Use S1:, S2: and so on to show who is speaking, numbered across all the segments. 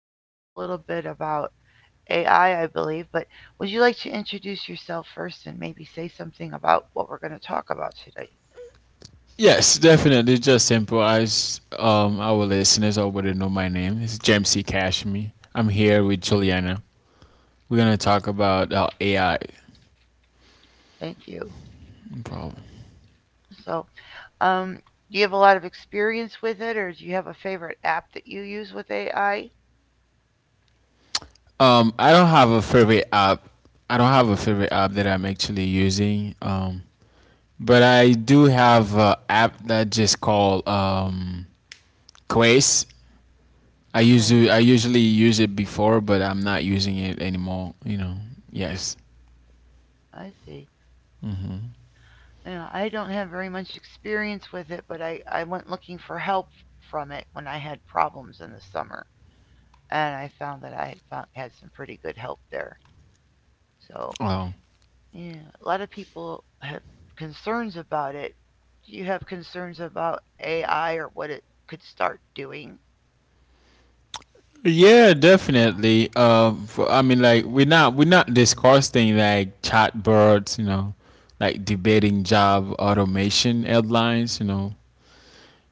S1: talk a little bit about AI, I believe, but would you like to introduce yourself first and maybe say something about what we're going to talk about today?
S2: Yes, definitely. Just improvise. Our listeners already know my name. It's James C. Cashme. I'm here with Juliana. We're gonna talk about AI
S1: Thank you.
S2: problem.
S1: So, um, do you have a lot of experience with it, or do you have a favorite app that you use with AI?
S2: I don't have a favorite app. I don't have a favorite app that I'm actually using. But I do have an app that just called Quest.
S1: Okay,
S2: I usually use it before, but I'm not using it anymore. Yes.
S1: I see.
S2: Mm-hmm.
S1: Yeah, I don't have very much experience with it, but I went looking for help from it when I had problems in the summer. And I found, had some pretty good help there. So,
S2: Um,
S1: yeah, a lot of people have concerns about it. Do you have concerns about AI or what it could start doing?
S2: Yeah, definitely. For, I mean, like we're not discussing like chatbots, like debating job automation headlines.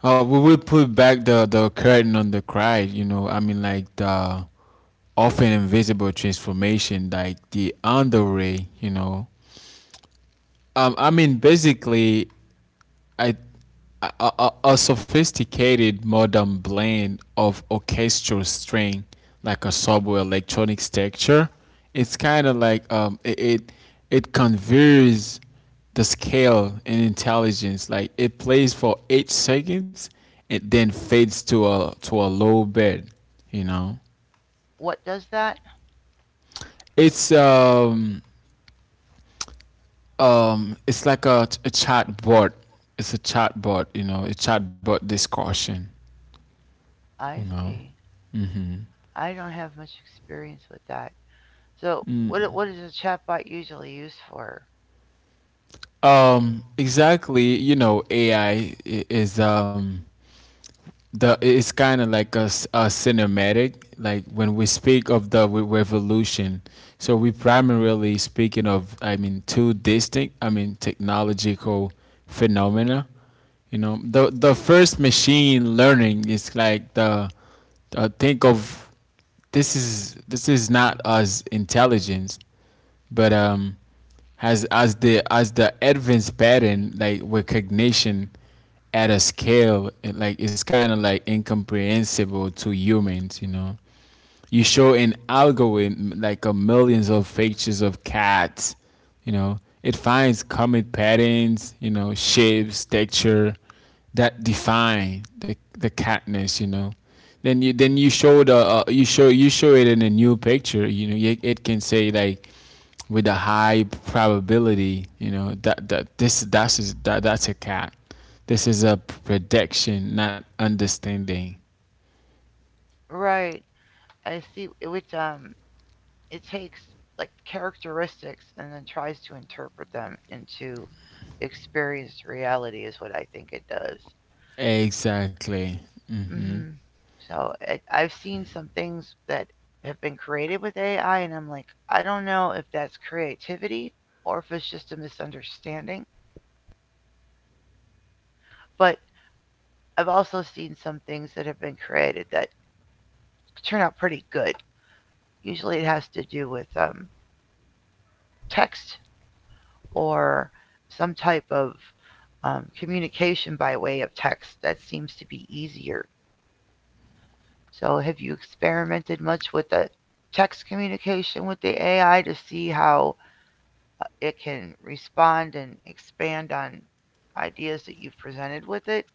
S2: We will put back the curtain on the cry. I mean, like the often invisible transformation, like the underway. I mean, basically, I a sophisticated modern blend of orchestral string, like a subway electronic texture. It's kind of like it conveys the scale and intelligence. Like it plays for 8 seconds and then fades to a low bed. You know,
S1: What does that?
S2: it's um it's like a chat bot. It's a chat bot. A chat bot discussion. You
S1: I
S2: know.
S1: see.
S2: Mm-hmm.
S1: I don't have much experience with that. So, what is a chatbot usually used for?
S2: Exactly. AI is the it's kind of like a cinematic. Like when we speak of the revolution, so we primarily speaking of, I mean, two distinct, I mean, technological phenomena. The first machine learning is like the think of, this is not as intelligence but as the Advance pattern like recognition at a scale like it's kind of like incomprehensible to humans, you know. You show an algorithm like a millions of pictures of cats. It finds common patterns, shapes, texture that define the catness. Then you show the you show it in a new picture. It can say like with a high probability, that's a cat. This is a prediction, not understanding.
S1: Right. I see. It would, it takes like characteristics and then tries to interpret them into experienced reality is what I think it does.
S2: Exactly.
S1: Hmm So it, I've seen some things that have been created with AI, and I'm like, I don't know if that's creativity or if it's just a misunderstanding. But I've also seen some things that have been created that turn out pretty good. Usually it has to do with text or some type of communication by way of text that seems to be easier. So have you experimented much with the text communication with the AI to see how? It can respond and expand on ideas that you've presented with it.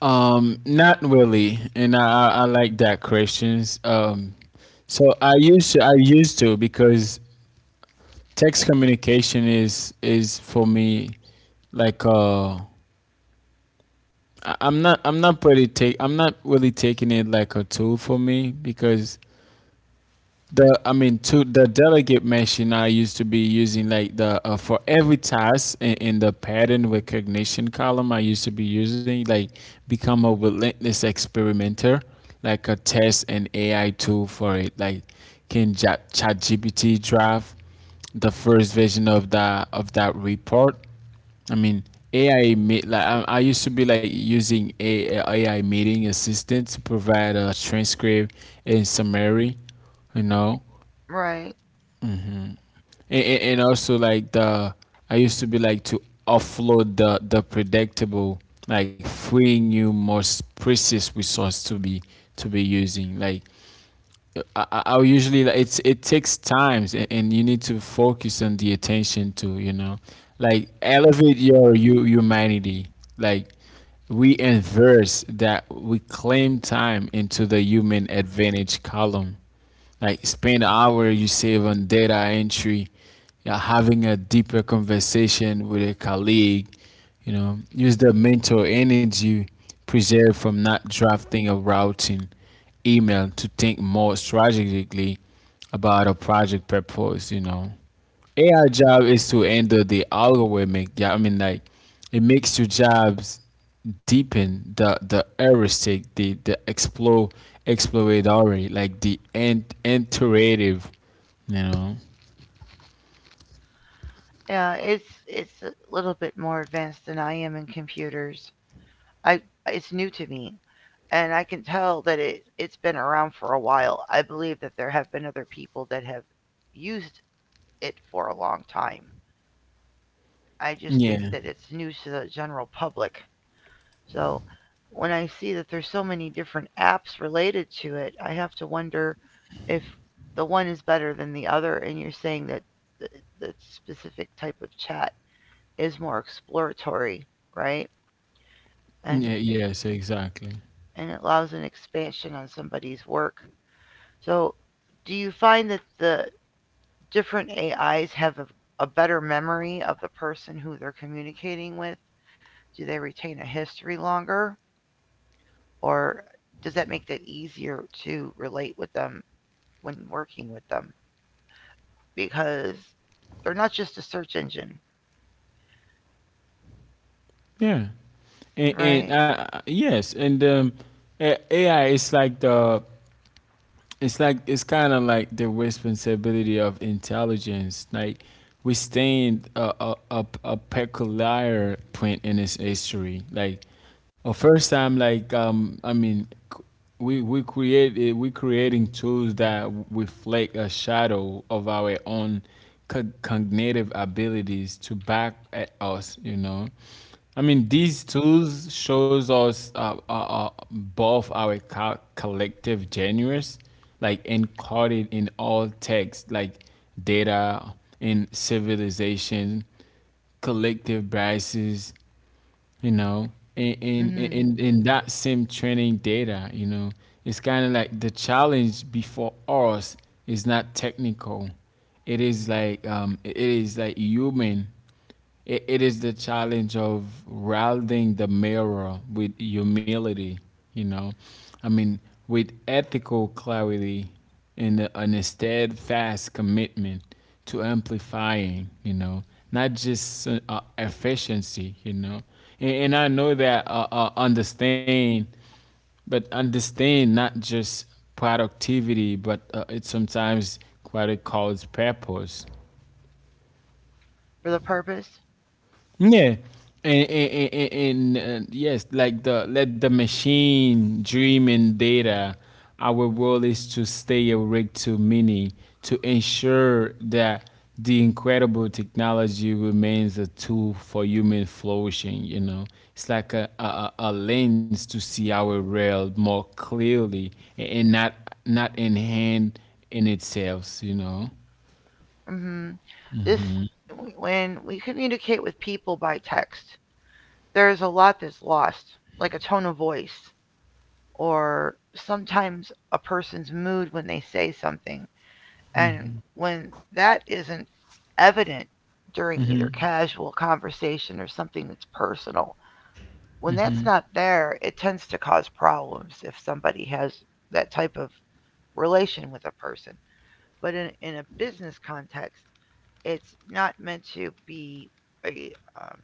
S2: Not really, and I like that questions. So I used to, because text communication is for me like I'm not really taking it like a tool for me because The I mean, to the delegate machine I used to be using like the for every task in the pattern recognition column, I used to be using like become a relentless experimenter, like a test and AI tool for it. Like can ChatGPT draft the first version of that report? I mean, AI meet like I used to be like using a AI meeting assistant to provide a transcript and summary you know
S1: Right.
S2: and also like the I used to be like to offload the predictable, like freeing you most precious resource to be using. Like I'll usually like it takes times and you need to focus on the attention to, like elevate your you humanity. Like we inverse that we claim time into the human advantage column. Like spend an hour you save on data entry, yeah, having a deeper conversation with a colleague, use the mental energy preserved from not drafting a routing email to think more strategically about a project purpose. AI job is to handle the algorithmic. Yeah, I mean, like it makes your jobs deepen the heuristic, the explore exploratory, like the and iterative. You know.
S1: Yeah, it's a little bit more advanced than I am in computers. I it's new to me, and I can tell that it's been around for a while. I believe that there have been other people that have used it for a long time. I just think
S2: Yeah.
S1: that it's new to the general public. So when I see that there's so many different apps related to it, I have to wonder if the one is better than the other. And you're saying that the, the specific type of chat is more exploratory, right? And
S2: Yeah. Yes. Exactly.
S1: and it allows an expansion on somebody's work. So do you find that the different AIs have a better memory of the person who they're communicating with? Do they retain a history longer? Or does that make that easier to relate with them when working with them because they're not just a search engine?
S2: Yeah. And,
S1: Right.
S2: and uh, yes, and AI is like the it's like it's kind of like the responsibility of intelligence. Like we stand a peculiar point in its history, like a first time, like I mean, c- we creating tools that reflect a shadow of our own cognitive abilities to back at us. I mean, these tools shows us both our collective genius, like encoded in all text, like data in civilization, collective biases, in in
S1: Mm-hmm.
S2: in, in that same training data. It's kind of like the challenge before us is not technical. It is like human. It is the challenge of rounding the mirror with humility, you know, I mean, with ethical clarity and a steadfast commitment to amplifying, not just efficiency, And I know that understand, but understand not just productivity, but it sometimes quite a cause purpose.
S1: For the purpose.
S2: Yeah. And, and, and, and, yes, like the, let the machine dream in data. Our role is to stay awake to many, to ensure that the incredible technology remains a tool for human flourishing. It's like a lens to see our world more clearly and not, not in hand in itself. You know.
S1: Mm-hmm. This, when we communicate with people by text, there's a lot that's lost like a tone of voice or sometimes a person's mood when they say something, and when that isn't evident during either casual conversation or something that's personal, when that's not there, it tends to cause problems if somebody has that type of relation with a person. But in a business context, it's not meant to be a, um,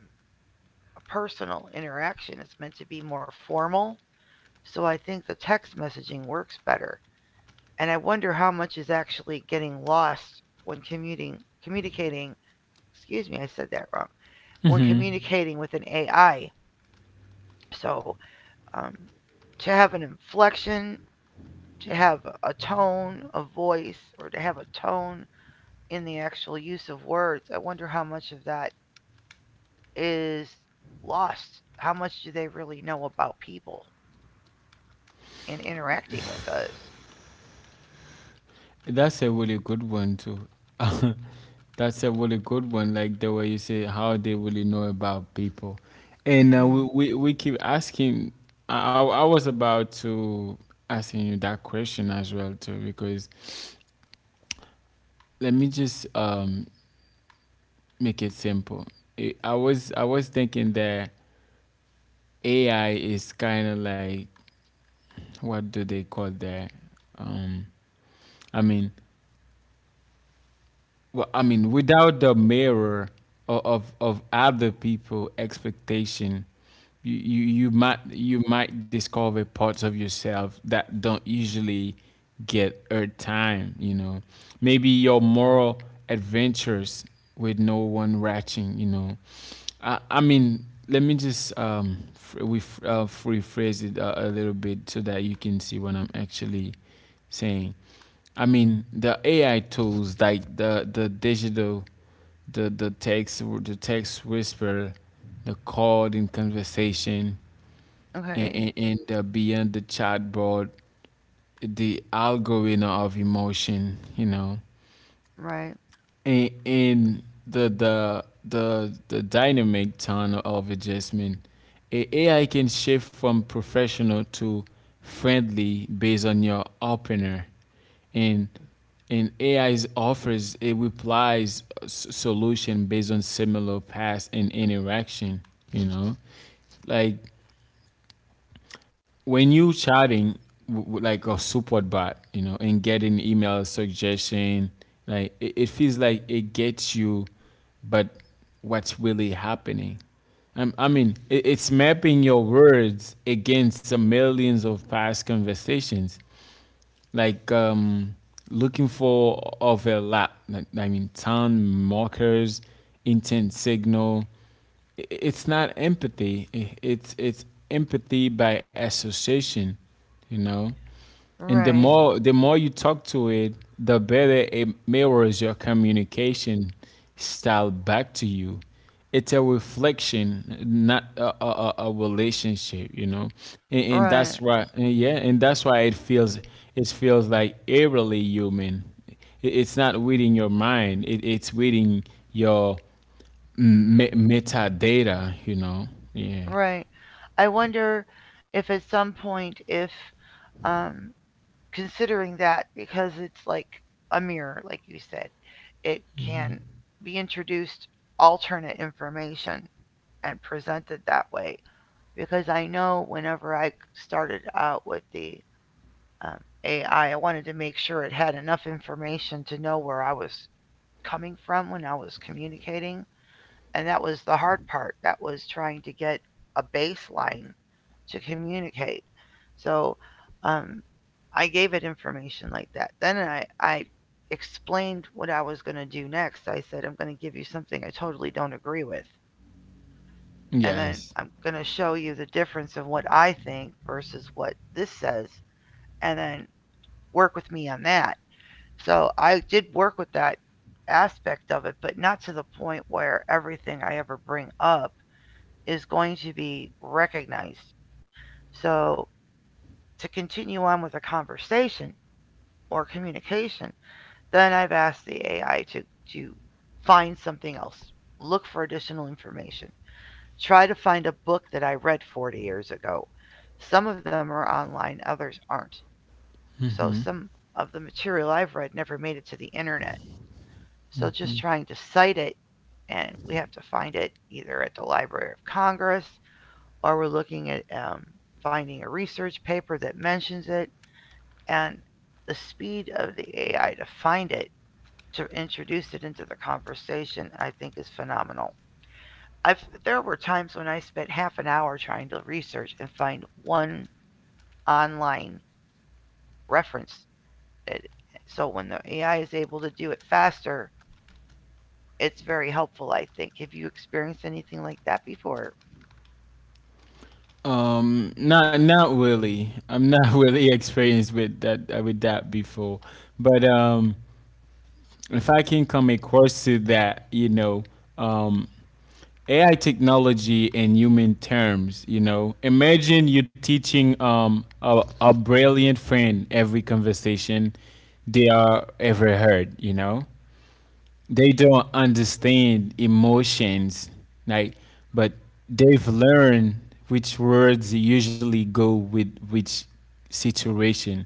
S1: a personal interaction, it's meant to be more formal. So I think the text messaging works better. And I wonder how much is actually getting lost when commuting, communicating. Excuse me, I said that wrong. When communicating with an AI. So um, to have an inflection to have a tone, a voice, or to have a tone in the actual use of words, I wonder how much of that is lost. How much do they really know about people and interacting with us?
S2: That's a really good one too. That's a really good one. Like the way you say how they really know about people, and
S1: Mm-hmm.
S2: we keep asking. I was about to asking you that question as well too, because let me just make it simple. I was I was thinking that AI is kind of like, what do they call that? Um, I mean, well, I mean, without the mirror of of other people expectation, you might, you might discover parts of yourself that don't usually get airtime. You know, maybe your moral adventures with no one watching. You know, I mean, let me just rephrase it a little bit so that you can see what I'm actually saying. I mean, the AI tools like the digital, the the text whisper, the called in conversation, and,
S1: Okay.
S2: and, and the beyond the chatbot, the algorithm of emotion. You know,
S1: Right.
S2: in the dynamic turn of adjustment, a AI can shift from professional to friendly based on your opener, and AI offers it replies solution based on similar past and interaction. You know, like when you chatting like a support bot, you know, and getting email suggestion, like it feels like it gets you, but what's really happening? I mean, it's mapping your words against the millions of past conversations like looking for overlap. Like, I mean, town markers, intent signal. It's not empathy. It's empathy by association. You know. And the
S1: Right.
S2: more the more you talk to it, the better it mirrors your communication style back to you. It's a reflection, not a relationship, you know. And that's
S1: Right.
S2: why, and yeah, and that's why it feels, it feels like eerily human. It's not reading your mind. It's reading your metadata, you know. Yeah.
S1: Right. I wonder if at some point, if um, considering that, because it's like a mirror, like you said, it can be introduced alternate information and presented that way because I know whenever I started out with the um, AI, I wanted to make sure it had enough information to know where I was coming from when I was communicating. And that was the hard part. That was trying to get a baseline to communicate. So um, I gave it information like that. Then I explained what I was going to do next. I said, I'm going to give you something I totally don't agree with. And then
S2: Yes.
S1: I'm going to show you the difference of what I think versus what this says, and then work with me on that. So I did work with that aspect of it, but not to the point where everything I ever bring up is going to be recognized. So to continue on with a conversation or communication, then I've asked the AI to find something else, look for additional information. Try to find a book that I read 40 years ago. Some of them are online, others aren't. So some of the material I've read never made it to the internet. So just trying to cite it, and we have to find it either at the Library of Congress or we're looking at finding a research paper that mentions it. And the speed of the AI to find it, to introduce it into the conversation, I think is phenomenal. I've there were times when I spent half an hour trying to research and find one online reference. So when the AI is able to do it faster, it's very helpful. I think. Have you experienced anything like that before?
S2: Not not really. I'm not really experienced with that before, but if I can come across to that, you know, um, AI technology in human terms, you know, imagine you teaching a brilliant friend every conversation they are ever heard, you know, they don't understand emotions, like, but they've learned which words usually go with which situation.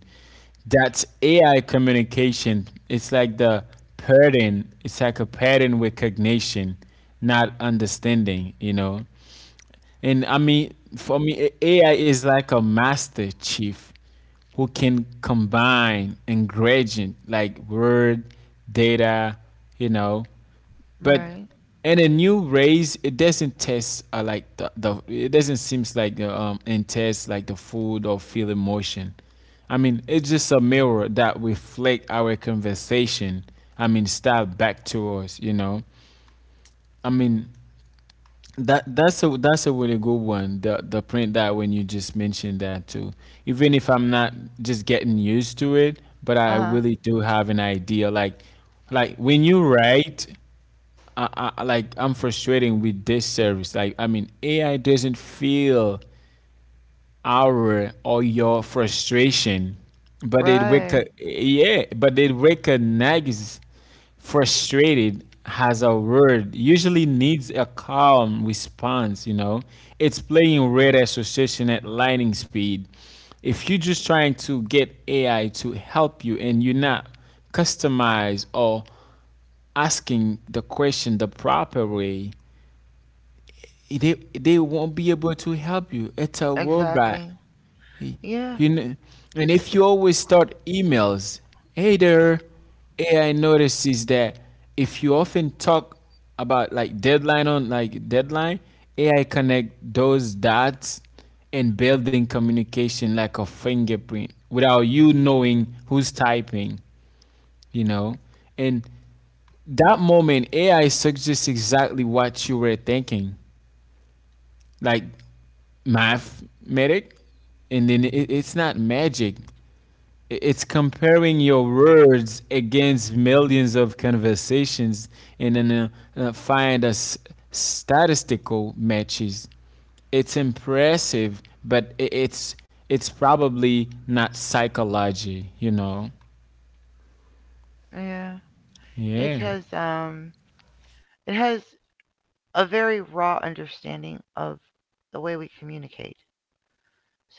S2: That's AI communication. It's like the pattern. It's like a pattern recognition, not understanding, you know. And I mean, for me, AI is like a master chief who can combine ingredient like word data, you know, but
S1: Right.
S2: in a new race, it doesn't taste like the, it doesn't seems like the intense like the food or feel emotion. I mean, it's just a mirror that reflect our conversation. I mean, style back to us. You know, I mean that's a really good one. The print that when you just mentioned that too. Even if I'm not just getting used to it, but I
S1: Uh huh.
S2: really do have an idea. Like when you write, I like I'm frustrating with this service. Like I mean, AI doesn't feel our or your frustration, but it
S1: Right.
S2: yeah, but it recognizes frustrated has a word usually needs a calm response. You know, it's playing red association at lightning speed. If you're just trying to get AI to help you and you're not customized or asking the question the proper way, they won't be able to help you. It's a robot.
S1: Exactly.
S2: He-
S1: Yeah.
S2: You know, and if you always start emails, hey there, AI notices that if you often talk about like deadline on like deadline, AI connect those dots and building communication like a fingerprint without you knowing who's typing, you know? And that moment AI suggests exactly what you were thinking. Like mathematic, and then it's not magic. It's comparing your words against millions of conversations, and then find statistical matches. It's impressive, but I it's probably not psychology.
S1: Yeah. It
S2: Yeah.
S1: has. It has a very raw understanding of the way we communicate.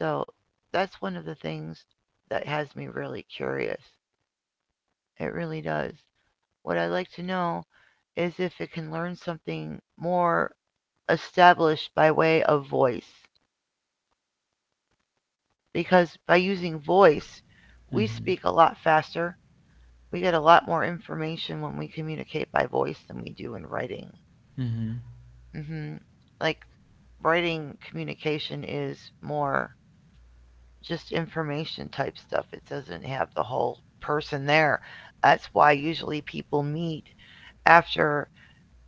S1: So that's one of the things that has me really curious. It really does. What I'd like to know is if it can learn something more established by way of voice. Because by using voice, we
S2: Mhm.
S1: speak a lot faster. We get a lot more information when we communicate by voice than we do in writing. Hmm Like, writing communication is more just information type stuff, it doesn't have the whole person there. That's why usually people meet after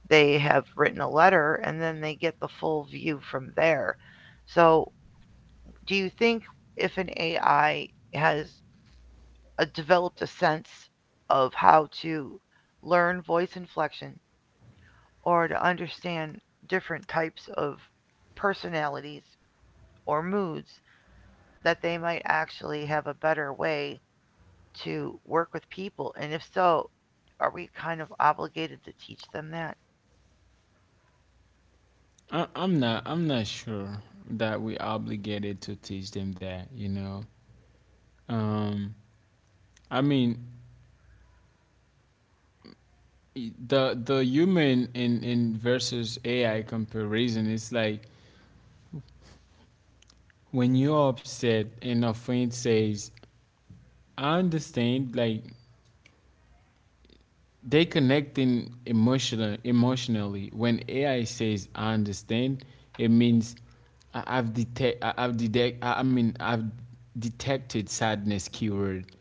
S1: they have written a letter and then they get the full view from there. So, do you think if an AI has developed a sense of how to learn voice inflection or to understand different types of personalities or moods, that they might actually have a better way to work with people? And if so, are we kind of obligated to teach them that?
S2: I'm not sure that we obligated to teach them that. um I mean, the human in versus AI comparison is like when you're upset and a friend says, "I understand," like they connecting emotionally. When AI says, "I understand," it means I- I've detect I- have detect I mean I've detected sadness keyword,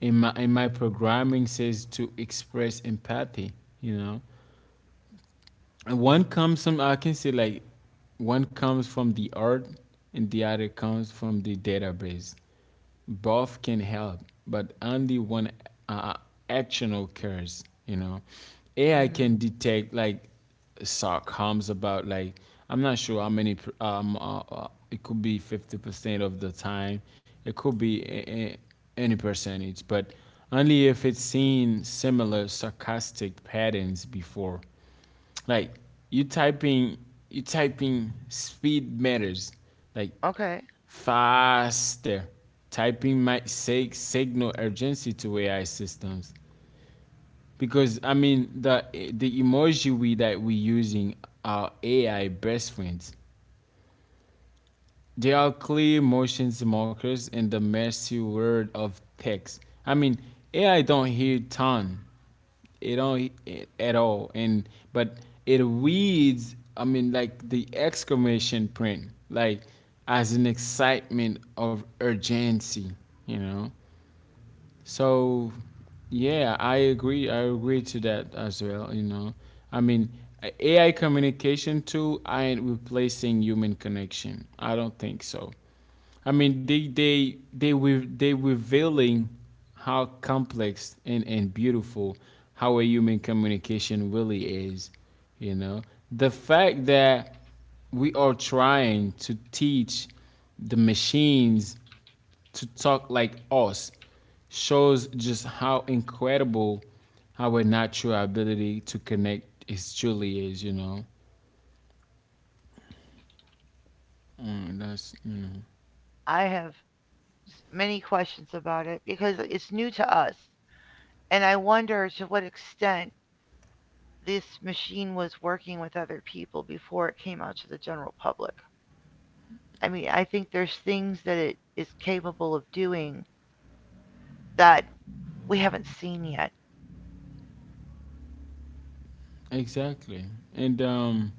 S2: in my programming says to express empathy. You know. And one comes from, I can say, like one comes from the art and the other comes from the database. Both can help, but only one uh, action occurs. You know, AI can
S1: Hmm
S2: detect like sarcasms about, like, I'm not sure how many. It could be 50% of the time. It could be any percentage, but only if it's seen similar sarcastic patterns before. Like, you type in you type in, speed matters. Like
S1: Okay.
S2: faster. Typing might signal urgency to AI systems, because I mean the emoji we using are AI best friends. They are clear motions markers in the messy world of text. I mean, AI don't hear tone. It don't at all. And but it reads, I mean, like the exclamation print, like as an excitement of urgency, you know. So yeah, I agree. I agree to that as well. You know, I mean, AI communication tool aren't replacing human connection. I don't think so. I mean, they revealing how complex and beautiful how a human communication really is. You know, the fact that we are trying to teach the machines to talk like us shows just how incredible our natural ability to connect is truly is. Mm, that's
S1: I have many questions about it because it's new to us. And I wonder to what extent this machine was working with other people before it came out to the general public. I mean, I think there's things that it is capable of doing that we haven't seen yet.
S2: exactly. and.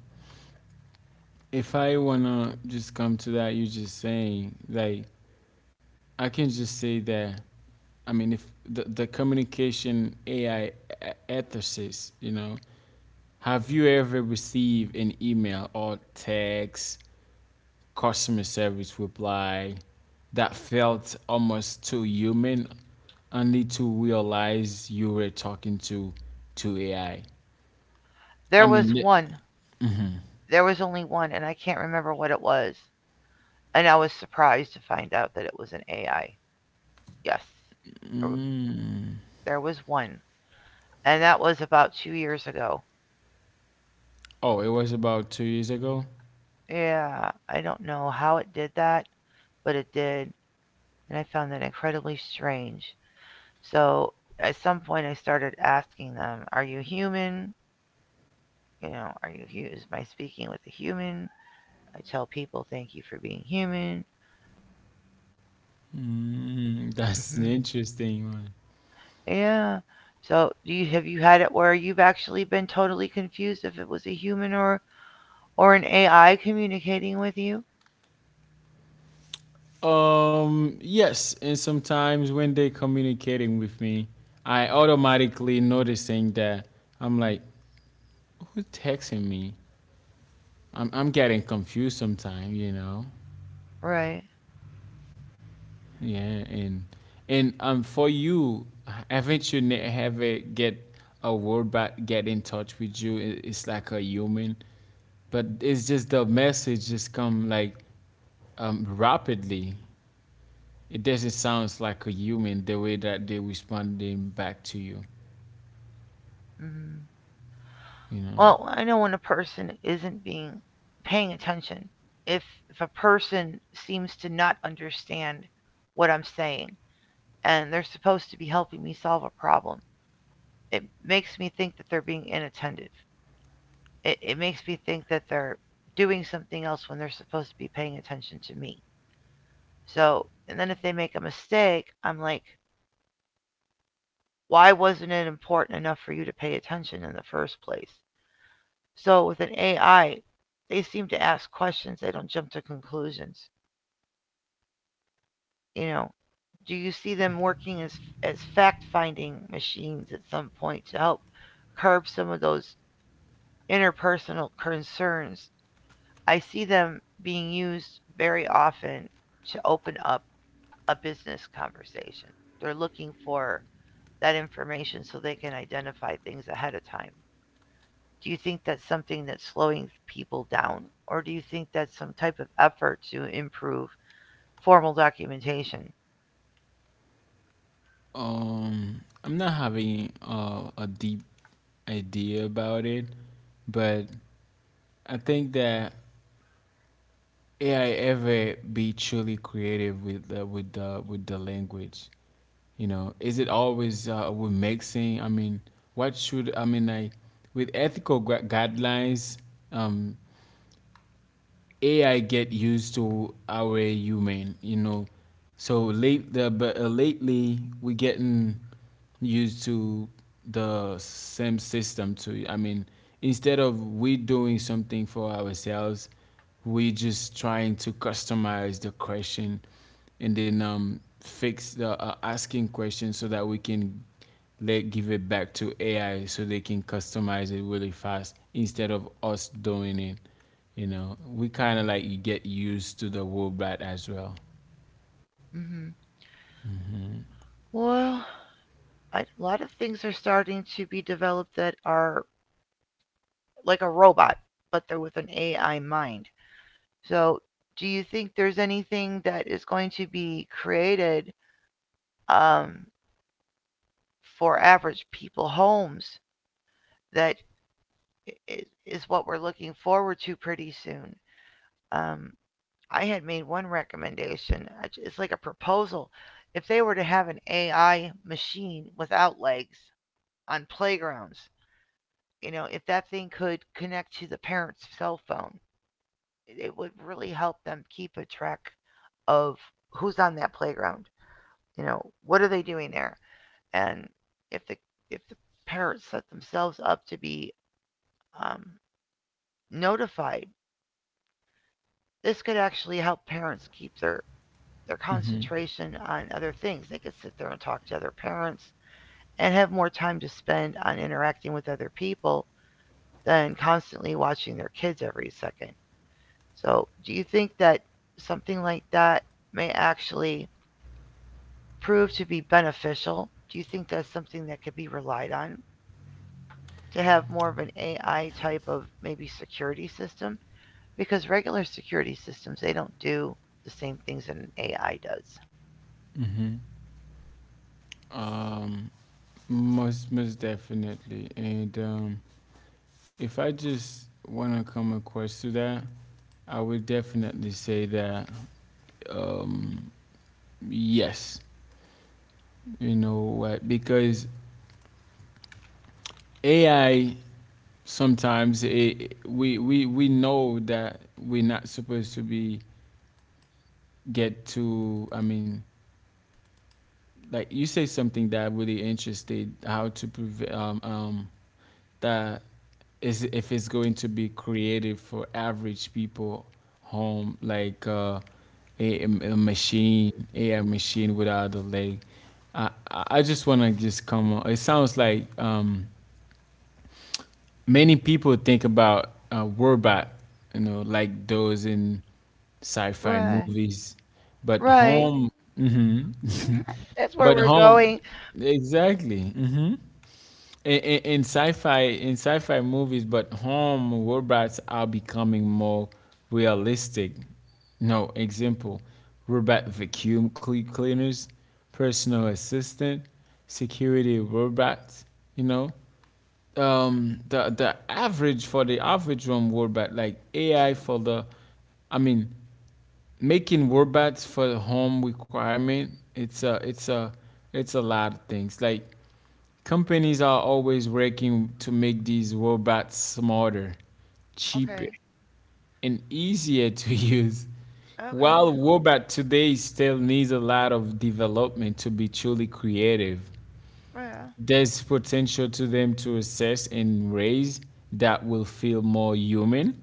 S2: If I wanna just come to that, you just saying like I can just say that. I mean, if the communication AI ethicist, you know, have you ever received an email or text customer service reply that felt almost too human, only to realize you were talking to AI? I I
S1: There was
S2: mean, th-
S1: one, there was only one, and I can't remember what it was. And I was surprised to find out that it was an AI. Yes, er, there was one. And that was about 2 years ago.
S2: oh, it was about 2 years ago.
S1: Yeah, I don't know how it did that. But it did, and I found that incredibly strange. So at some point, I started asking them, "Are you human? You know, are you is my speaking with a human?" I tell people, "Thank you for being human."
S2: Mm, that's an
S1: hmm
S2: interesting one.
S1: Yeah. So do you have you had it where you've actually been totally confused if it was a human or an AI communicating with you?
S2: Yes, and sometimes when they communicating with me, I automatically noticing that I'm like, who texting me? I'm getting confused sometimes, you know.
S1: Right.
S2: Yeah, and for you, haven't you have it get a word back, get in touch with you? It- It's like a human, but it's just the message just come like rapidly. It doesn't sound like a human the way that they responding back to you.
S1: hmm
S2: You know,
S1: Well, I know when a person isn't being paying attention. If if a person seems to not understand what I'm saying and they're supposed to be helping me solve a problem, it makes me think that they're being inattentive. It makes me think that they're doing something else when they're supposed to be paying attention to me. So, and then if they make a mistake, I'm like, why wasn't it important enough for you to pay attention in the first place? So with an AI, they seem to ask questions. They don't jump to conclusions. You know, do you see them working as fact finding machines at some point to help curb some of those interpersonal concerns? I see them being used very often to open up a business conversation. They're looking for that information so they can identify things ahead of time. Do you think that's something that's slowing people down or do you think that's some type of effort to improve formal documentation?
S2: I'm not having a deep idea about it, but I think that AI ever be truly creative with the, with the with the language. You know, is it always with mixing? I mean, what should I mean, like, with ethical guidelines? Um, AI get used to our human, you know. So late the but lately we getting used to the same system too. I mean, instead of we doing something for ourselves, we just trying to customize the question, and then fix the asking question so that we can let give it back to AI so they can customize it really fast instead of us doing it. You know, we kind of like you get used to the robot as well.
S1: Hmm well I, a lot of things are starting to be developed that are like a robot but they're with an ai mind. So do you think there's anything that is going to be created um, for average people homes that is what we're looking forward to pretty soon? um, I had made one recommendation. It's like a proposal. If they were to have an AI machine without legs on playgrounds, you know, if that thing could connect to the parent's cell phone, it would really help them keep a track of who's on that playground. You know, what are they doing there? And if the if the parents set themselves up to be um, notified, this could actually help parents keep their
S2: Hmm.
S1: concentration on other things. They could sit there and talk to other parents and have more time to spend on interacting with other people than constantly watching their kids every second. So, do you think that something like that may actually prove to be beneficial? Do you think that's something that could be relied on to have more of an AI type of maybe security system? Because regular security systems, they don't do the same things that an AI does.
S2: Hmm. Um, Most most definitely. And if I just want to come across to that, I would definitely say that, um, yes. You know what? Because AI sometimes it, we know that we're not supposed to be get to. I mean, like, you say something that really interested how to prevent that is, if it's going to be created for average people home, like a machine AI machine without a leg. I just want to just come on, it sounds like many people think about a robot, you know, like those in sci-fi
S1: Right.
S2: movies, but
S1: Right.
S2: home, hmm
S1: That's
S2: but
S1: where we're
S2: home,
S1: going.
S2: exactly. Hmm. In sci-fi, in sci-fi movies, but home robots are becoming more realistic. No example: robot vacuum cleaners, personal assistant, security robots. You know, the average for the average home robot, like AI for the, I mean, making robots for the home requirement, it's a lot of things. Like, companies are always working to make these robots smarter, cheaper,
S1: Okay.
S2: and easier to use.
S1: Okay.
S2: While robot today still needs a lot of development to be truly creative,
S1: Yeah.
S2: there's potential to them to assess and raise that will feel more human,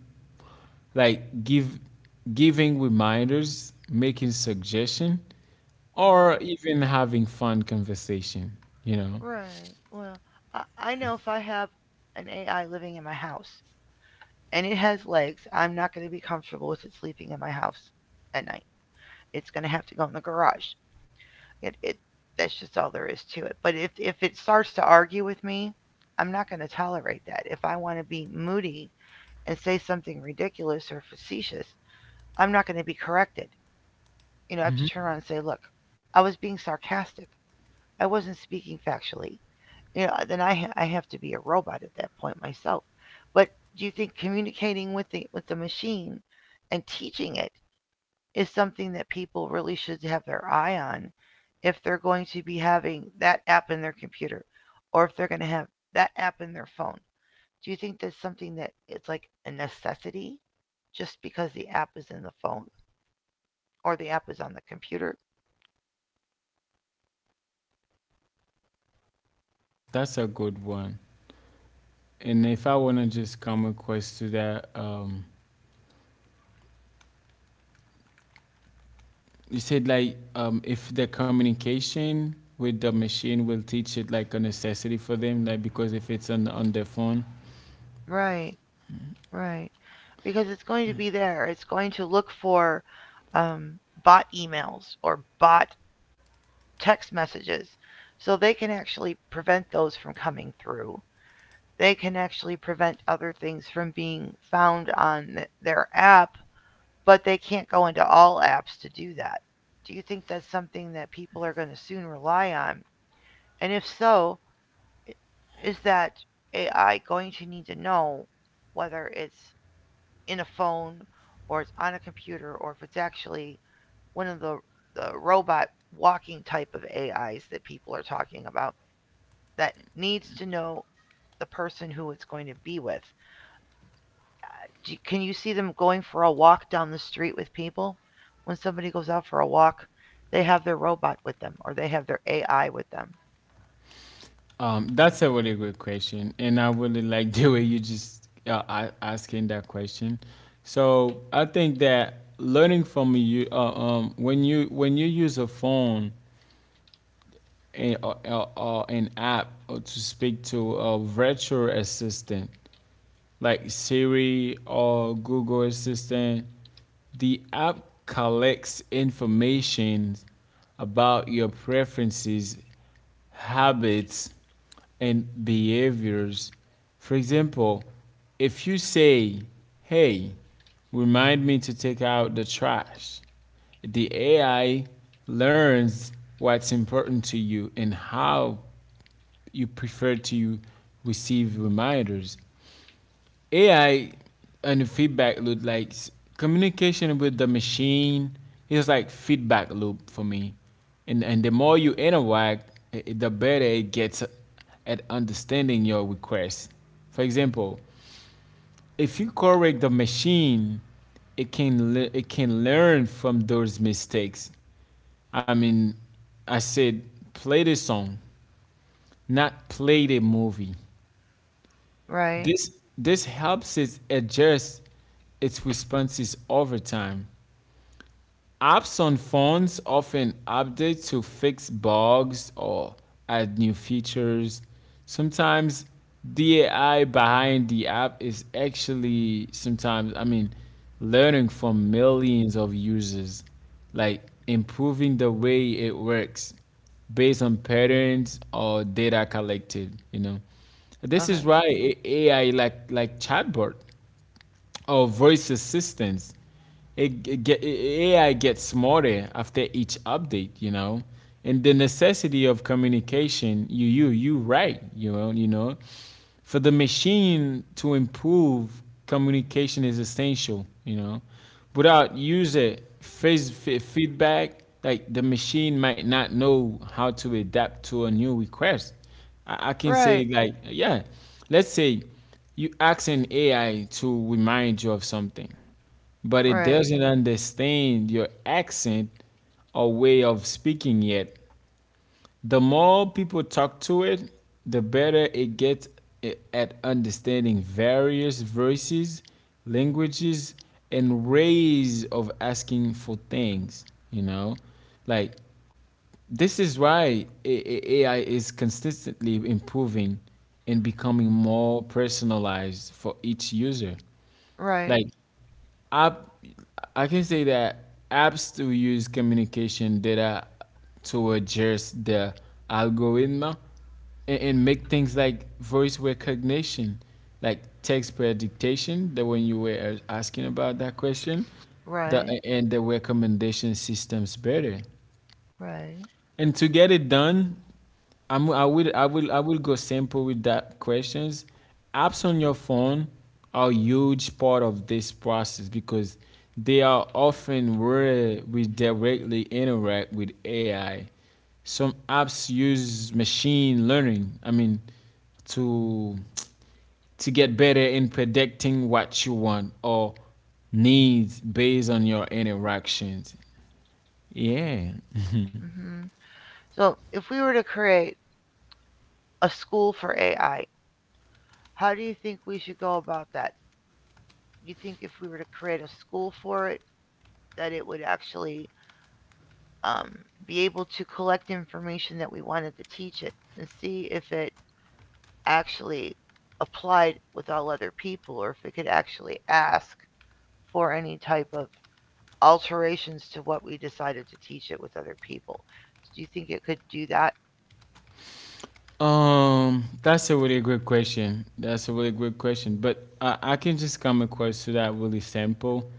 S2: like give giving reminders, making suggestion, or
S1: Hmm.
S2: even having fun conversation, you know.
S1: Right. Well, I know if I have an AI living in my house and it has legs, I'm not going to be comfortable with it sleeping in my house at night. It's going to have to go in the garage. It that's just all there is to it. But if it starts to argue with me, I'm not going to tolerate that. If I want to be moody and say something ridiculous or facetious, I'm not going to be corrected. You know, I have to turn
S2: Hmm.
S1: around and say, "Look, I was being sarcastic. I wasn't speaking factually. You know, then I have to be a robot at that point myself." But do you think communicating with the machine and teaching it is something that people really should have their eye on if they're going to be having that app in their computer or if they're going to have that app in their phone? Do you think that's something that it's like a necessity just because the app is in the phone or the app is on the computer?
S2: That's a good one. And if I want to just come across to that, you said like, if the communication with the machine will teach it like a necessity for them, like, because if it's on their phone.
S1: Right. Right. Because it's going to be there. It's going to look for um, bot emails or bot text messages. So they can actually prevent those from coming through. They can actually prevent other things from being found on their app, but they can't go into all apps to do that. Do you think that's something that people are going to soon rely on? And if so, i- is that AI going to need to know whether it's in a phone or it's on a computer or if it's actually one of the robot walking type of AIs that people are talking about that needs to know the person who it's going to be with. Can you see them going for a walk down the street with people? When somebody goes out for a walk, they have their robot with them or they have their AI with them.
S2: That's a really good question, and I really like the way you just a- asking that question. So I think that learning from you, when you use a phone or an app, or to speak to a virtual assistant like Siri or Google Assistant, the app collects information about your preferences, habits, and behaviors. For example, if you say, "Hey, remind me to take out the trash," the AI learns what's important to you and how you prefer to receive reminders. AI and the feedback loop, like communication with the machine, is like feedback loop for me. And the more you interact, the better it gets at understanding your request. For example, if you correct the machine, it can learn from those mistakes. I mean, I said play the song, not play the movie.
S1: Right.
S2: This helps it adjust its responses over time. Apps on phones often update to fix bugs or add new features. Sometimes the AI behind the app is actually sometimes, I mean, learning from millions of users, like improving the way it works based on patterns or data collected, you know. This
S1: Okay.
S2: is why AI like chatbot or voice assistants. AI gets smarter after each update, you know. And the necessity of communication, you right, you know, for the machine to improve, communication is essential, you know. Without user face feedback, like, the machine might not know how to adapt to a new request. I can
S1: Right.
S2: say like, yeah, let's say, you ask an AI to remind you of something, but it
S1: Right.
S2: doesn't understand your accent or way of speaking yet. The more people talk to it, the better it gets at understanding various voices, languages, and ways of asking for things, you know? Like, this is why AI is consistently improving and becoming more personalized for each user.
S1: Right.
S2: Like app, I can say that apps still use communication data to adjust the algorithm, and make things like voice recognition, like text prediction, the one you were asking about that question, the
S1: Right.
S2: and the recommendation systems better.
S1: Right.
S2: And to get it done, I will go simple with that questions. Apps on your phone are a huge part of this process because they are often where we directly interact with AI. Some apps use machine learning, I mean, to get better in predicting what you want or needs based on your interactions. Yeah.
S1: Hmm. So if we were to create a school for AI, how do you think we should go about that? Do you think if we were to create a school for it, that it would actually um, be able to collect information that we wanted to teach it and see if it actually applied with all other people or if it could actually ask for any type of alterations to what we decided to teach it with other people? Do you think it could do that?
S2: That's a really good question. But I can just come across to that really simple,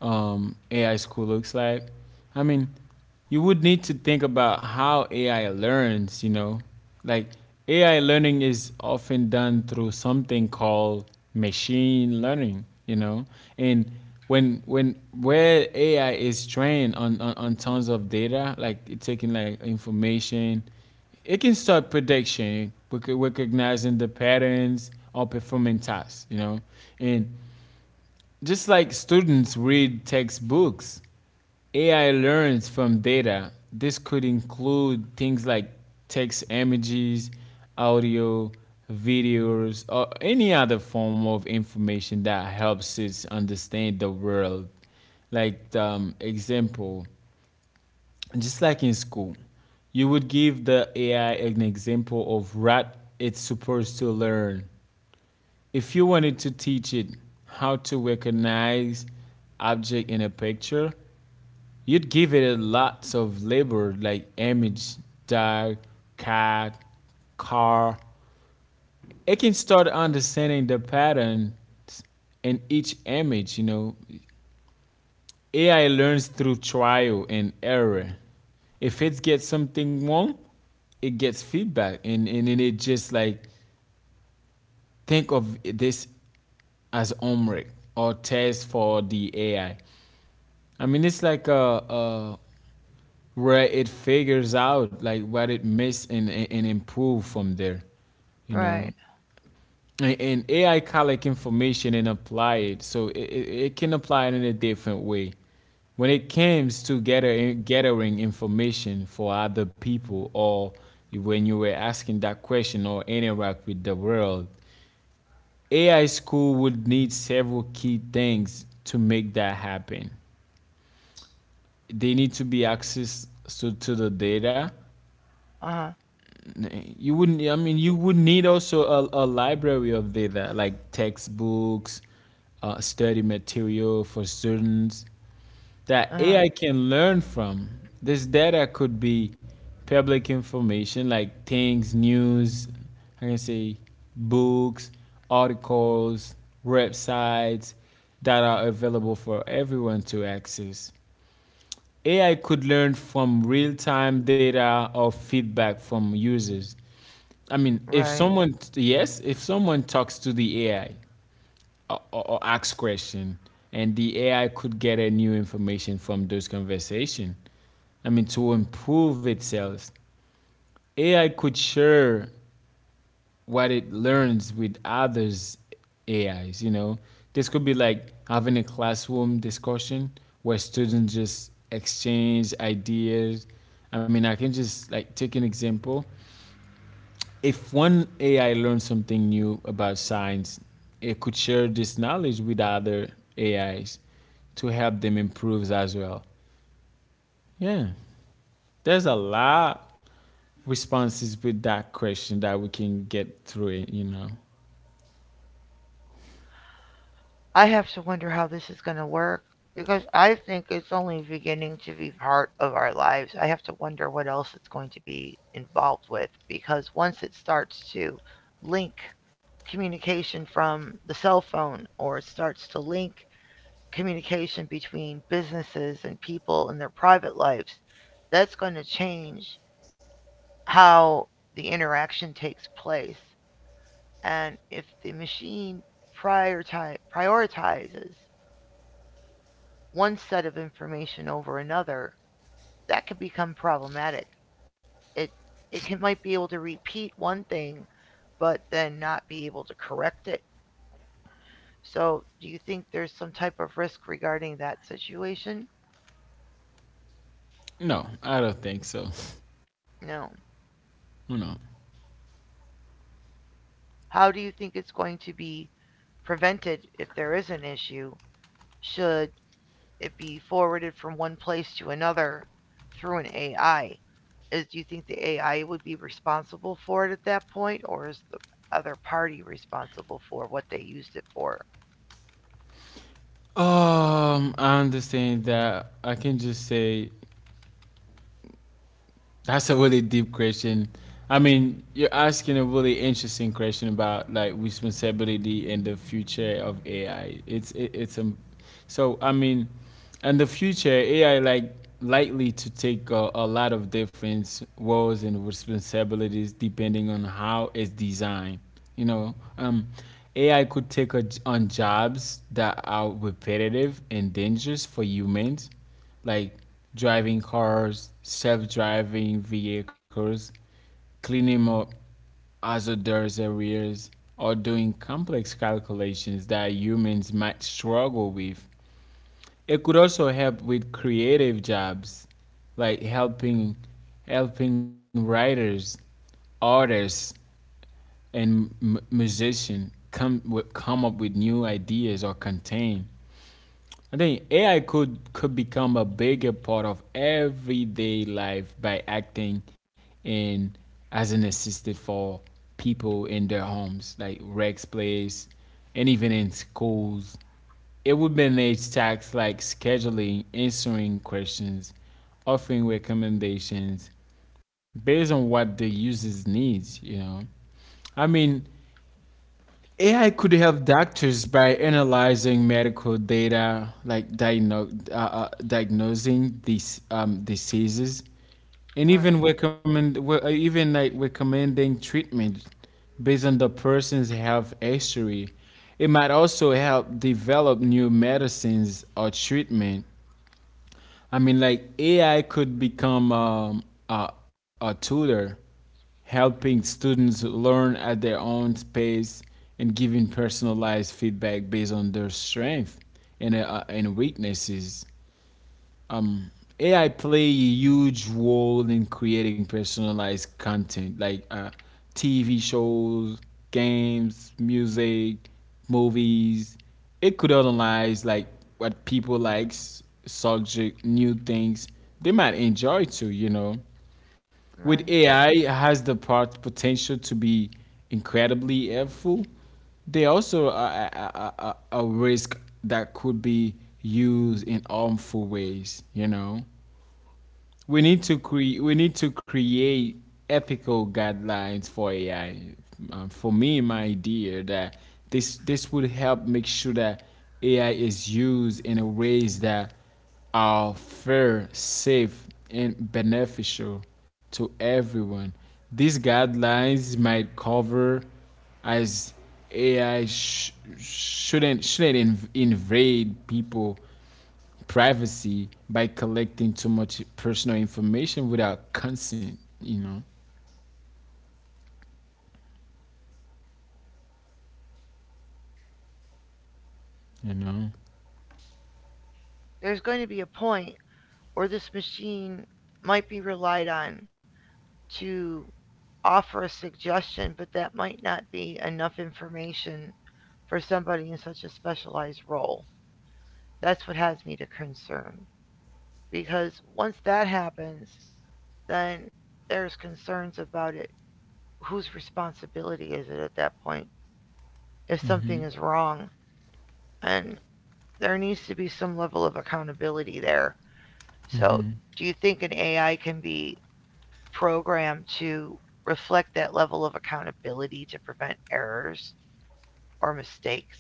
S2: AI school looks like. I mean, you would need to think about how AI learns, you know. Like, AI learning is often done through something called machine learning, you know. And when where AI is trained on, tons of data, like it taking like information, it can start prediction, recognizing the patterns or performing tasks, you know. And just like students read textbooks, AI learns from data. This could include things like text images, audio, videos, or any other form of information that helps us understand the world. Like, example, just like in school, you would give the AI an example of what it's supposed to learn. If you wanted to teach it how to recognize object in a picture, you'd give it a lots of labor like image, dog, cat, car. It can start understanding the patterns in each image, you know. AI learns through trial and error. If it gets something wrong, it gets feedback and then it just like think of this as homework or test for the AI. I mean, it's like where it figures out like what it missed and improve from there, you know.
S1: Right.
S2: And AI collect information and apply it, so it can apply it in a different way. When it comes to gathering information for other people, or when you were asking that question or interact with the world, AI school would need several key things to make that happen. They need to be access to the data.
S1: Uh huh.
S2: You wouldn't I mean, you would need also a library of data like textbooks, study material for students that
S1: Uh huh.
S2: AI can learn from. This data could be public information like things news, I can say, books, articles, websites that are available for everyone to access. AI could learn from real-time data or feedback from users. I mean, if
S1: Right.
S2: someone yes, if someone talks to the AI, or asks question, and the AI could get a new information from those conversation. I mean, to improve itself, AI could sure what it learns with others AIs. This could be like having a classroom discussion where students just exchange ideas. I mean, I can just like take an example. If one AI learns something new about science, it could share this knowledge with other AIs to help them improve as well. Yeah, there's a lot responses with that question that we can get through it.
S1: I have to wonder how this is going to work because I think it's only beginning to be part of our lives. I have to wonder what else it's going to be involved with because once it starts to link communication from the cell phone or it starts to link communication between businesses and people in their private lives, that's going to change how the interaction takes place. And if the machine prioritizes one set of information over another, that could become problematic. It it can, might be able to repeat one thing, but then not be able to correct it. So, do you think there's some type of risk regarding that situation?
S2: No, I don't think so.
S1: No.
S2: You know.
S1: How do you think it's going to be prevented if there is an issue? Should it be forwarded from one place to another through an AI, is do you think the AI would be responsible for it at that point, or is the other party responsible for what they used it for?
S2: I understand that. I can just say, that's a really deep question. I mean, you're asking a really interesting question about like responsibility and the future of AI. It's it, it's So I mean, in the future, AI likely to take a lot of different roles and responsibilities depending on how it's designed. You know, AI could take on jobs that are repetitive and dangerous for humans like driving cars, self-driving vehicles, cleaning up hazardous areas, or doing complex calculations that humans might struggle with. It could also help with creative jobs, like helping writers, artists, and musicians come up with new ideas or content. I think AI could become a bigger part of everyday life by acting in as an assistant for people in their homes, like Rex Place, and even in schools. It would manage tasks like scheduling, answering questions, offering recommendations based on what the users needs. I mean, AI could help doctors by analyzing medical data, like diagnosing these diseases, and even
S1: Right,
S2: even like recommending treatment based on the person's health history. It might also help develop new medicines or treatment. I mean, like AI could become a tutor, helping students learn at their own pace and giving personalized feedback based on their strength and weaknesses um AI play a huge role in creating personalized content like TV shows, games, music, movies. It could analyze like what people likes, subject, new things they might enjoy too. With
S1: right.
S2: AI has the potential to be incredibly helpful. They also are a risk that could be used in harmful ways. You know. We need to create ethical guidelines for AI. For me, my idea that this would help make sure that AI is used in a ways that are fair, safe, and beneficial to everyone. These guidelines might cover as AI shouldn't invade people privacy by collecting too much personal information without consent. You know.
S1: There's going to be a point where this machine might be relied on to offer a suggestion, but that might not be enough information for somebody in such a specialized role. That's what has me to concern because once that happens, then there's concerns about it. Whose responsibility is it at that point if something is wrong? And there needs to be some level of accountability there. So, do you think an AI can be programmed to reflect that level of accountability to prevent errors or mistakes?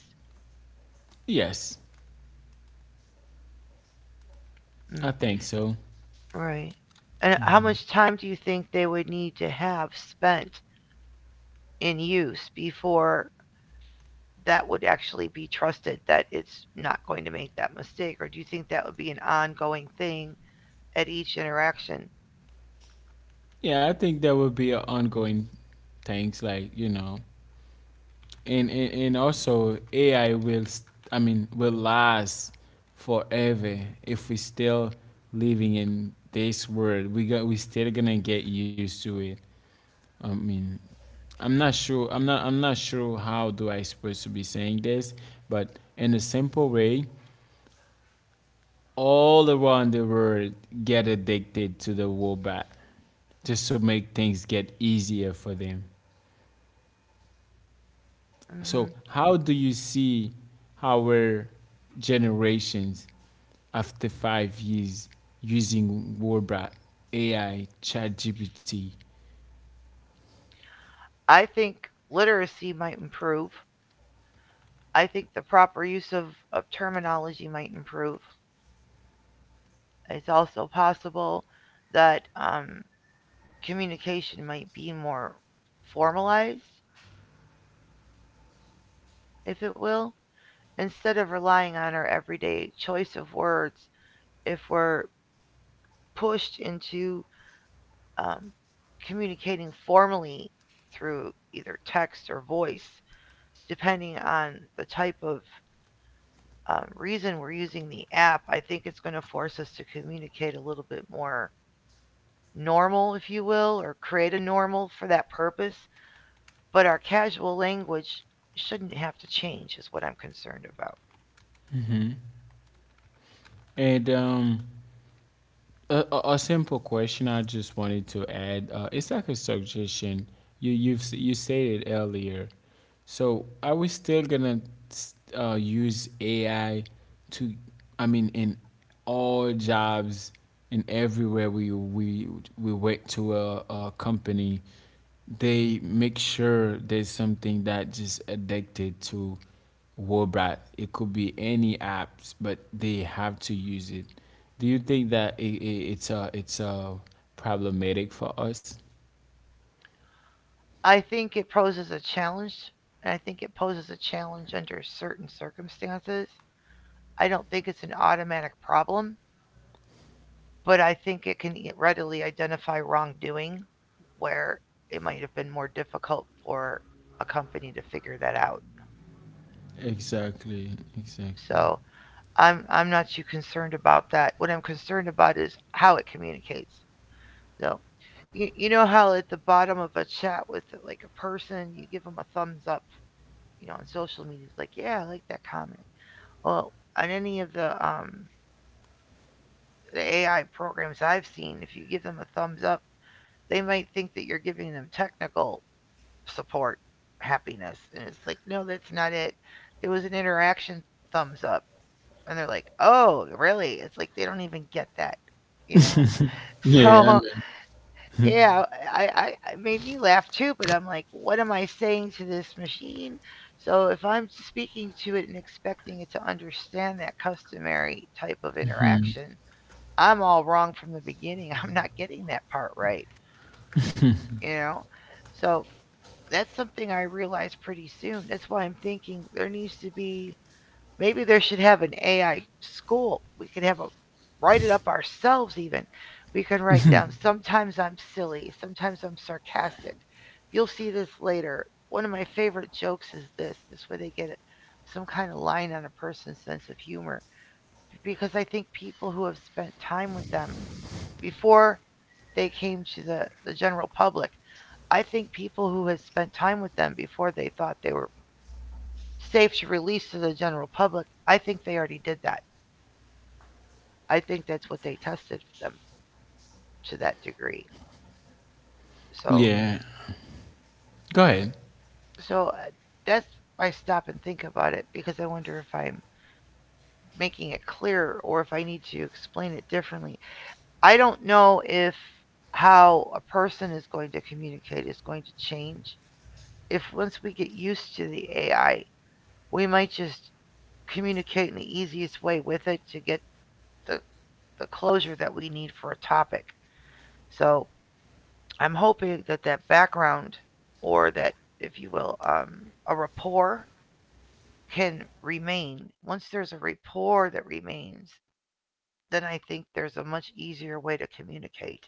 S2: Yes,
S1: Mm,
S2: I think so.
S1: right. And how much time do you think they would need to have spent in use before that would actually be trusted that it's not going to make that mistake? Or do you think that would be an ongoing thing at each interaction?
S2: Yeah, I think that would be a ongoing things like and also AI will. I mean, will last forever if we still living in this world. We still gonna get used to it. I mean, I'm not sure. I'm not. I'm not sure how do I supposed to be saying this, but in a simple way, all around the world get addicted to the robot just to make things get easier for them. So,
S1: Hmm.
S2: how do you see our generations after 5 years using robot, AI, ChatGPT,
S1: I think literacy might improve. I think the proper use of terminology might improve. It's also possible that communication might be more formalized, if it will, instead of relying on our everyday choice of words. If we're pushed into um, communicating formally through either text or voice, depending on the type of reason we're using the app, I think it's going to force us to communicate a little bit more normal, if you will, or create a normal for that purpose. But our casual language shouldn't have to change, is what I'm concerned about.
S2: and um, a simple question I just wanted to add. It's like a suggestion. You said it earlier. So are we still gonna use AI to? I mean, in all jobs and everywhere we went to a company, they make sure there's something that just addicted to, well, Brad, it could be any apps, but they have to use it. Do you think that it's a problematic for us?
S1: I think it poses a challenge, and I think it poses a challenge under certain circumstances. I don't think it's an automatic problem, but I think it can readily identify wrongdoing where it might have been more difficult for a company to figure that out.
S2: Exactly, exactly.
S1: So I'm not too concerned about that. What I'm concerned about is how it communicates. So you know how at the bottom of a chat with like a person you give them a thumbs up, you know, on social media it's like, yeah, I like that comment. Well, on any of the AI programs I've seen, if you give them a thumbs up, they might think that you're giving them technical support happiness. And it's like, no, that's not it. It was an interaction thumbs up. And they're like, oh, really? It's like they don't even get that, you know?
S2: Yeah, I
S1: So,
S2: know.
S1: yeah, I, I, it made me laugh too, but I'm like, what am I saying to this machine? So if I'm speaking to it and expecting it to understand that customary type of interaction, I'm all wrong from the beginning. I'm not getting that part right, you know? So that's something I realized pretty soon. That's why I'm thinking there needs to be maybe there should have an AI school. We could have a write it up ourselves even. We can write down sometimes I'm silly, sometimes I'm sarcastic. You'll see this later. One of my favorite jokes is this. This way they get some kind of line on a person's sense of humor because I think people who have spent time with them before they came to the general public, I think people who have spent time with them before they thought they were safe to release to the general public, I think they already did that. I think that's what they tested them to that degree. So,
S2: Yeah. Go ahead.
S1: so that's why I stop and think about it because I wonder if I'm making it clear or if I need to explain it differently. I don't know if how a person is going to communicate is going to change. If once we get used to the AI, we might just communicate in the easiest way with it to get the, the closure that we need for a topic. So I'm hoping that that background, or that, if you will, a rapport can remain. Once there's a rapport that remains, then I think there's a much easier way to communicate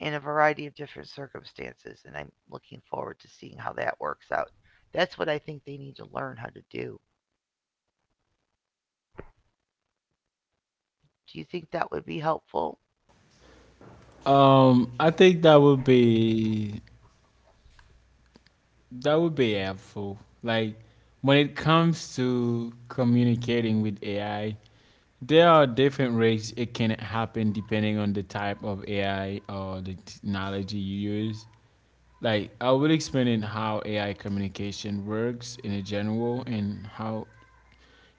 S1: in a variety of different circumstances, and I'm looking forward to seeing how that works out. That's what I think they need to learn how to do. Do you think that would be helpful?
S2: I think that would be helpful. Like when it comes to communicating with AI, there are different ways it can happen depending on the type of AI or the technology you use. Like I will explain in how AI communication works in a general and how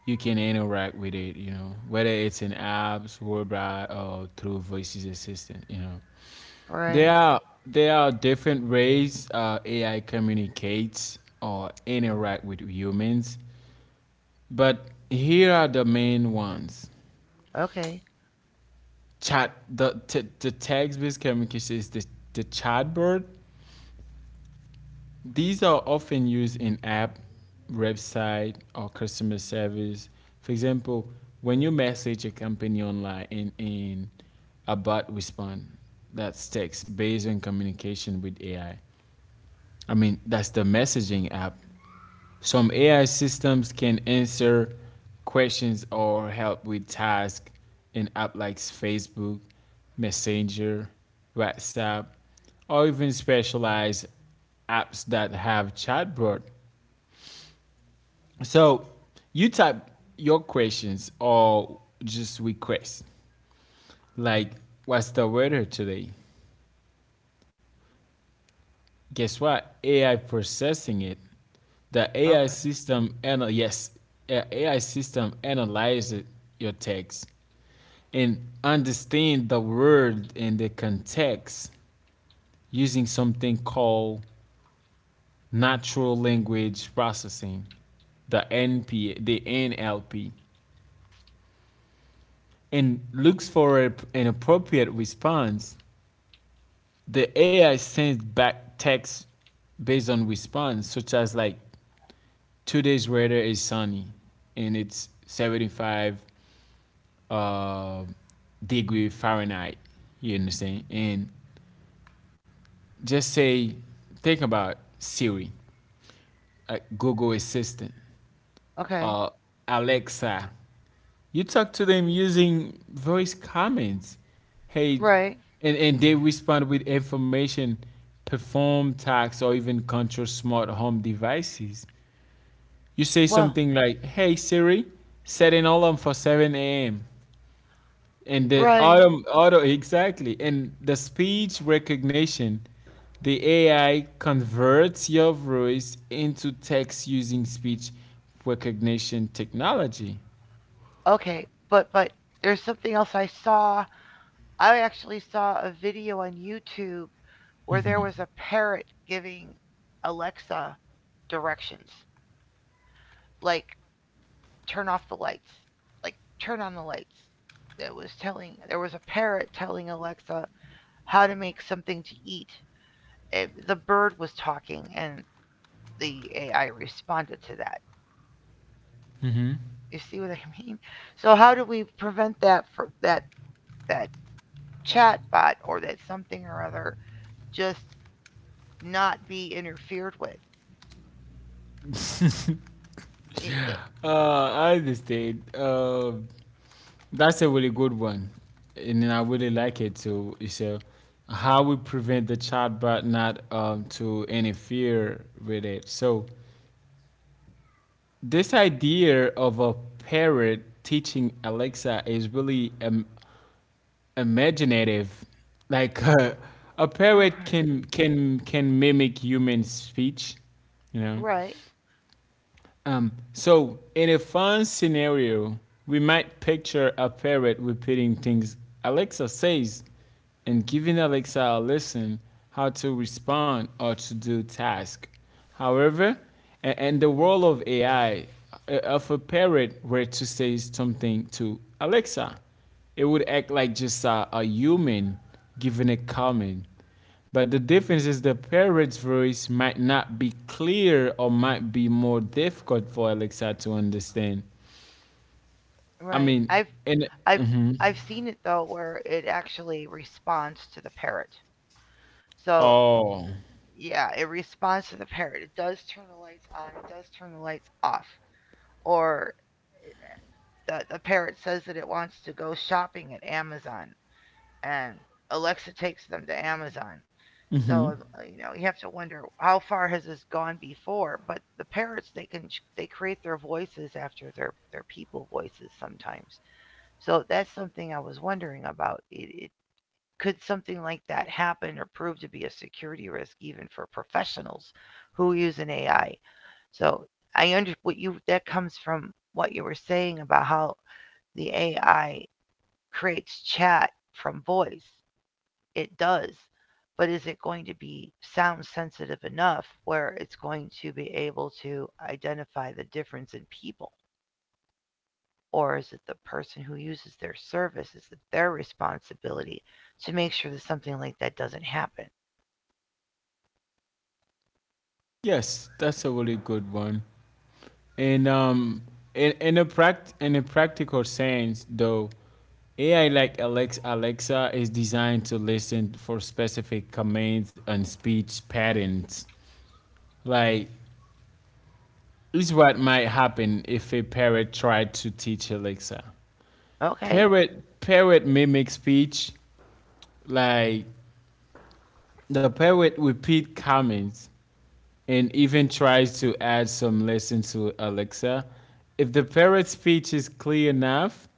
S2: you can interact with it, whether it's in apps, whereby or through voices assistant.
S1: Right.
S2: There are different ways AI communicates or interact with humans, but here are the main ones.
S1: Okay.
S2: Chat The text based communication is the chatbot. These are often used in app, website, or customer service. For example, when you message a company online and a bot respond, that's text based on communication with AI. I mean, that's the messaging app. Some AI systems can answer questions or help with tasks in apps like Facebook, Messenger, WhatsApp, or even specialized apps that have chatbot. So you type your questions or just requests like, what's the weather today? Guess what? AI processing it. The AI
S1: Okay.
S2: system anal yes, AI system analyzes your text and understand the word and the context using something called natural language processing, the NP, the NLP, and looks for an appropriate response. The AI sends back text based on response, such as like 2 days later is sunny, and it's 75 uh, degree Fahrenheit. You understand? And just say, think about Siri, Google Assistant,
S1: Okay.
S2: uh, Alexa. You talk to them using voice comments. Hey,
S1: Right.
S2: and they respond with information, perform tasks, or even control smart home devices. You say
S1: Well,
S2: something like, Hey Siri, set an alarm for 7 a.m., and the
S1: right.
S2: auto, exactly, and the speech recognition. The AI converts your voice into text using speech recognition technology.
S1: Okay. But there's something else I saw. I actually saw a video on YouTube where there was a parrot giving Alexa directions. Like, turn off the lights. Like, turn on the lights. That was telling, there was a parrot telling Alexa how to make something to eat. It, the bird was talking, and the AI responded to that. You see what I mean? So how do we prevent that for that chat bot or that something or other just not be interfered with? It, that-
S2: I understand, that's a really good one, and I really like it too, so how we prevent the chatbot not to interfere with it. So this idea of a parrot teaching Alexa is really imaginative. Like a parrot can can can mimic human speech, you know.
S1: right,
S2: So, in a fun scenario, we might picture a parrot repeating things Alexa says and giving Alexa a lesson how to respond or to do task. However, in the world of AI, if a parrot were to say something to Alexa, it would act like just a human giving a comment. But the difference is the parrot's voice might not be clear or might be more difficult for Alexa to understand. I
S1: right.
S2: mean, and
S1: I've
S2: mhm.
S1: I've seen it though where it actually responds to the parrot. So
S2: Oh,
S1: yeah, it responds to the parrot. It does turn the lights on. It does turn the lights off. Or the parrot says that it wants to go shopping at Amazon, and Alexa takes them to Amazon. So you have to wonder how far has this gone before. But the parrots they can they create their voices after their people voices sometimes. So that's something I was wondering about. It Could something like that happen or prove to be a security risk even for professionals who use an AI? So I under what you that comes from what you were saying about how the AI creates chat from voice. It does. But is it going to be sound sensitive enough where it's going to be able to identify the difference in people? Or is it the person who uses their service? Is it their responsibility to make sure that something like that doesn't happen?
S2: yes, that's a really good one. And in a pract in a practical sense, though, AI like Alexa is designed to listen for specific commands and speech patterns. Like, is what might happen if a parrot tried to teach Alexa.
S1: Okay.
S2: Parrot mimic speech, like the parrot repeat comments and even tries to add some lessons to Alexa. If the parrot speech is clear enough,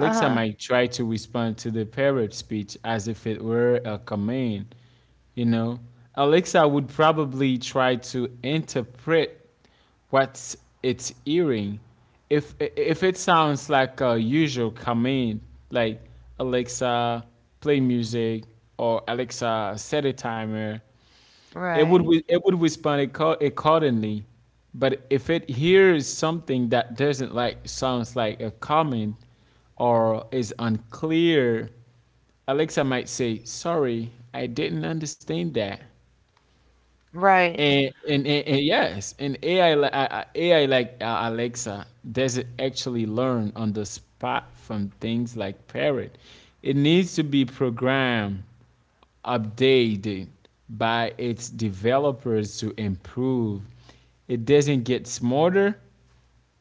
S1: Uh huh.
S2: might try to respond to the parrot speech as if it were a command. You know, Alexa would probably try to interpret what it's hearing. If it sounds like a usual command, like Alexa play music or Alexa set a timer, it would
S1: Right.
S2: it would respond accordingly. But if it hears something that doesn't like sounds like a comment or is unclear, Alexa might say, sorry, I didn't understand that.
S1: Right.
S2: And yes, and ai li- I- ai like Alexa doesn't actually learn on the spot from things like parrot. It needs to be programmed, updated by its developers to improve. It doesn't get smarter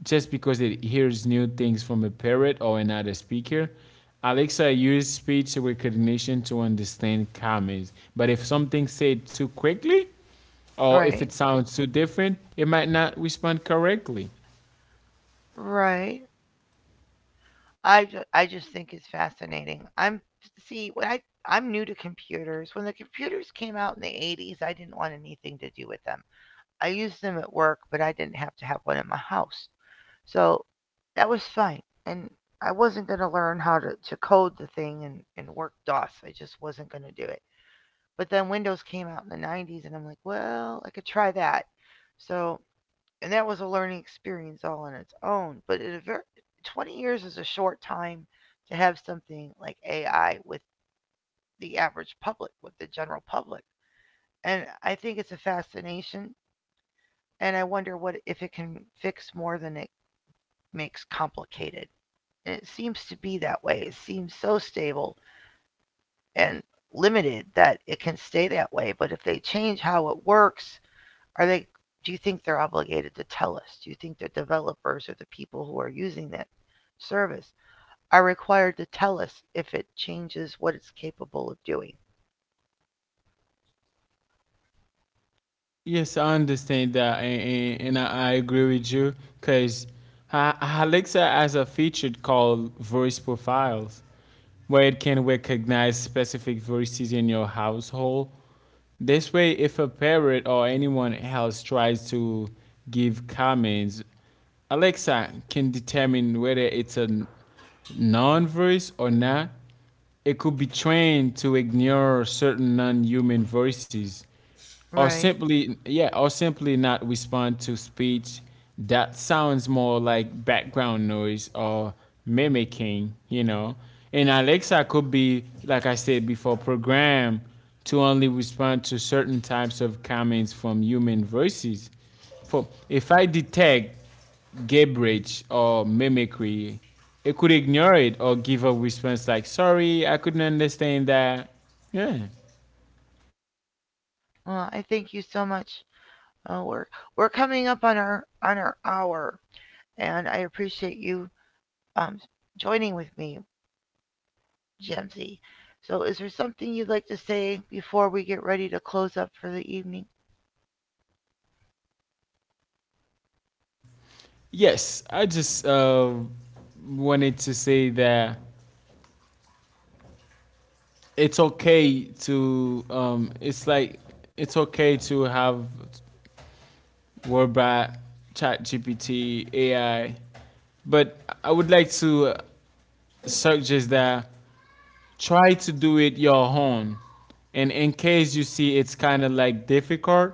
S2: just because it hears new things from a parrot or another speaker. Alexa used speech recognition to understand comments, but if something said too quickly or if it
S1: Right.
S2: sounds too different, it might not respond correctly.
S1: Right. I just think it's fascinating. See when I I'm new to computers. When the computers came out in the 80s, I didn't want anything to do with them. I used them at work, but I didn't have to have one in my house. So that was fine. And I wasn't going to learn how to code the thing and work DOS. I just wasn't going to do it. But then Windows came out in the 90s, and I'm like, well, I could try that. So and that was a learning experience all on its own. But in 20 years is a short time to have something like AI with the average public, with the general public. And I think it's a fascination, and I wonder what if it can fix more than it makes complicated. And it seems to be that way. It seems so stable and limited that it can stay that way. But if they change how it works Are they, do you think they're obligated to tell us? Do you think the developers or the people who are using that service are required to tell us if it changes what it's capable of doing?
S2: Yes, I understand that, and I agree with you because Alexa has a feature called voice profiles where it can recognize specific voices in your household. This way, if a parent or anyone else tries to give comments, Alexa can determine whether it's a non voice or not. It could be trained to ignore certain non human voices or
S1: Right.
S2: simply yeah or simply not respond to speech that sounds more like background noise or mimicking. And Alexa could be like I said before, programmed to only respond to certain types of comments from human voices. For if I detect gibberish or mimicry, it could ignore it or give a response like, sorry, I couldn't understand that. Yeah.
S1: Well, I thank you so much. Uh, we're we're coming up on our hour, and I appreciate you um, joining with me, Jemsy. So, is there something you'd like to say before we get ready to close up for the evening?
S2: Yes, I just wanted to say that it's okay to, it's okay to have WordBrat, ChatGPT, AI, but I would like to suggest that try to do it your own, and in case you see it's kind of like difficult,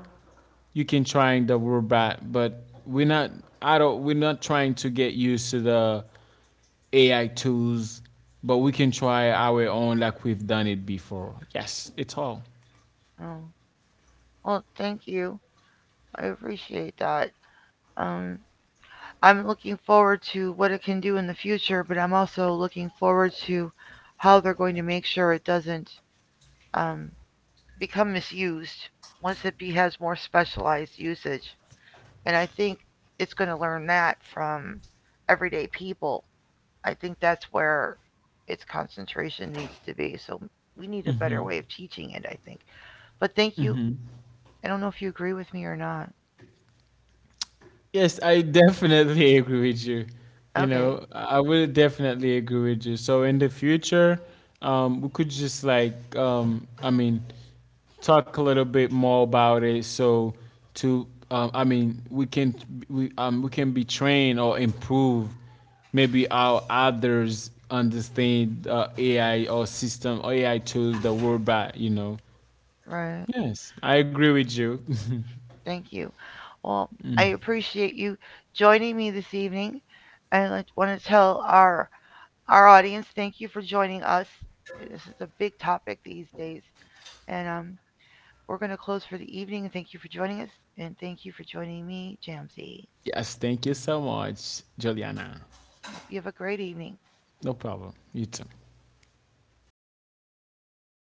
S2: you can trying the WordBrat, but we're not we're not trying to get used to the AI tools, but we can try our own like we've done it before. Yes, it's all.
S1: Oh, well, thank you. I appreciate that. Um, I'm looking forward to what it can do in the future, but I'm also looking forward to how they're going to make sure it doesn't um, become misused once has more specialized usage. And I think it's going to learn that from everyday people. I think that's where its concentration needs to be. So we need a better way of teaching it, I think. But thank you. I don't know if you agree with me or not.
S2: Yes, I definitely agree with you. You
S1: Okay,
S2: know, I would definitely agree with you. So in the future, we could just like, I mean, talk a little bit more about it. So I mean, we can be trained or improve maybe how others understand AI or system or AI tools that we're by. You know.
S1: right.
S2: Yes, I agree with you.
S1: Thank you. Well, I appreciate you joining me this evening. I want to tell our audience thank you for joining us. This is a big topic these days, and we're going to close for the evening. Thank you for joining us, and thank you for joining me, Jamsey.
S2: Yes, thank you so much, Juliana.
S1: Hope you have a great evening.
S2: No problem. You too.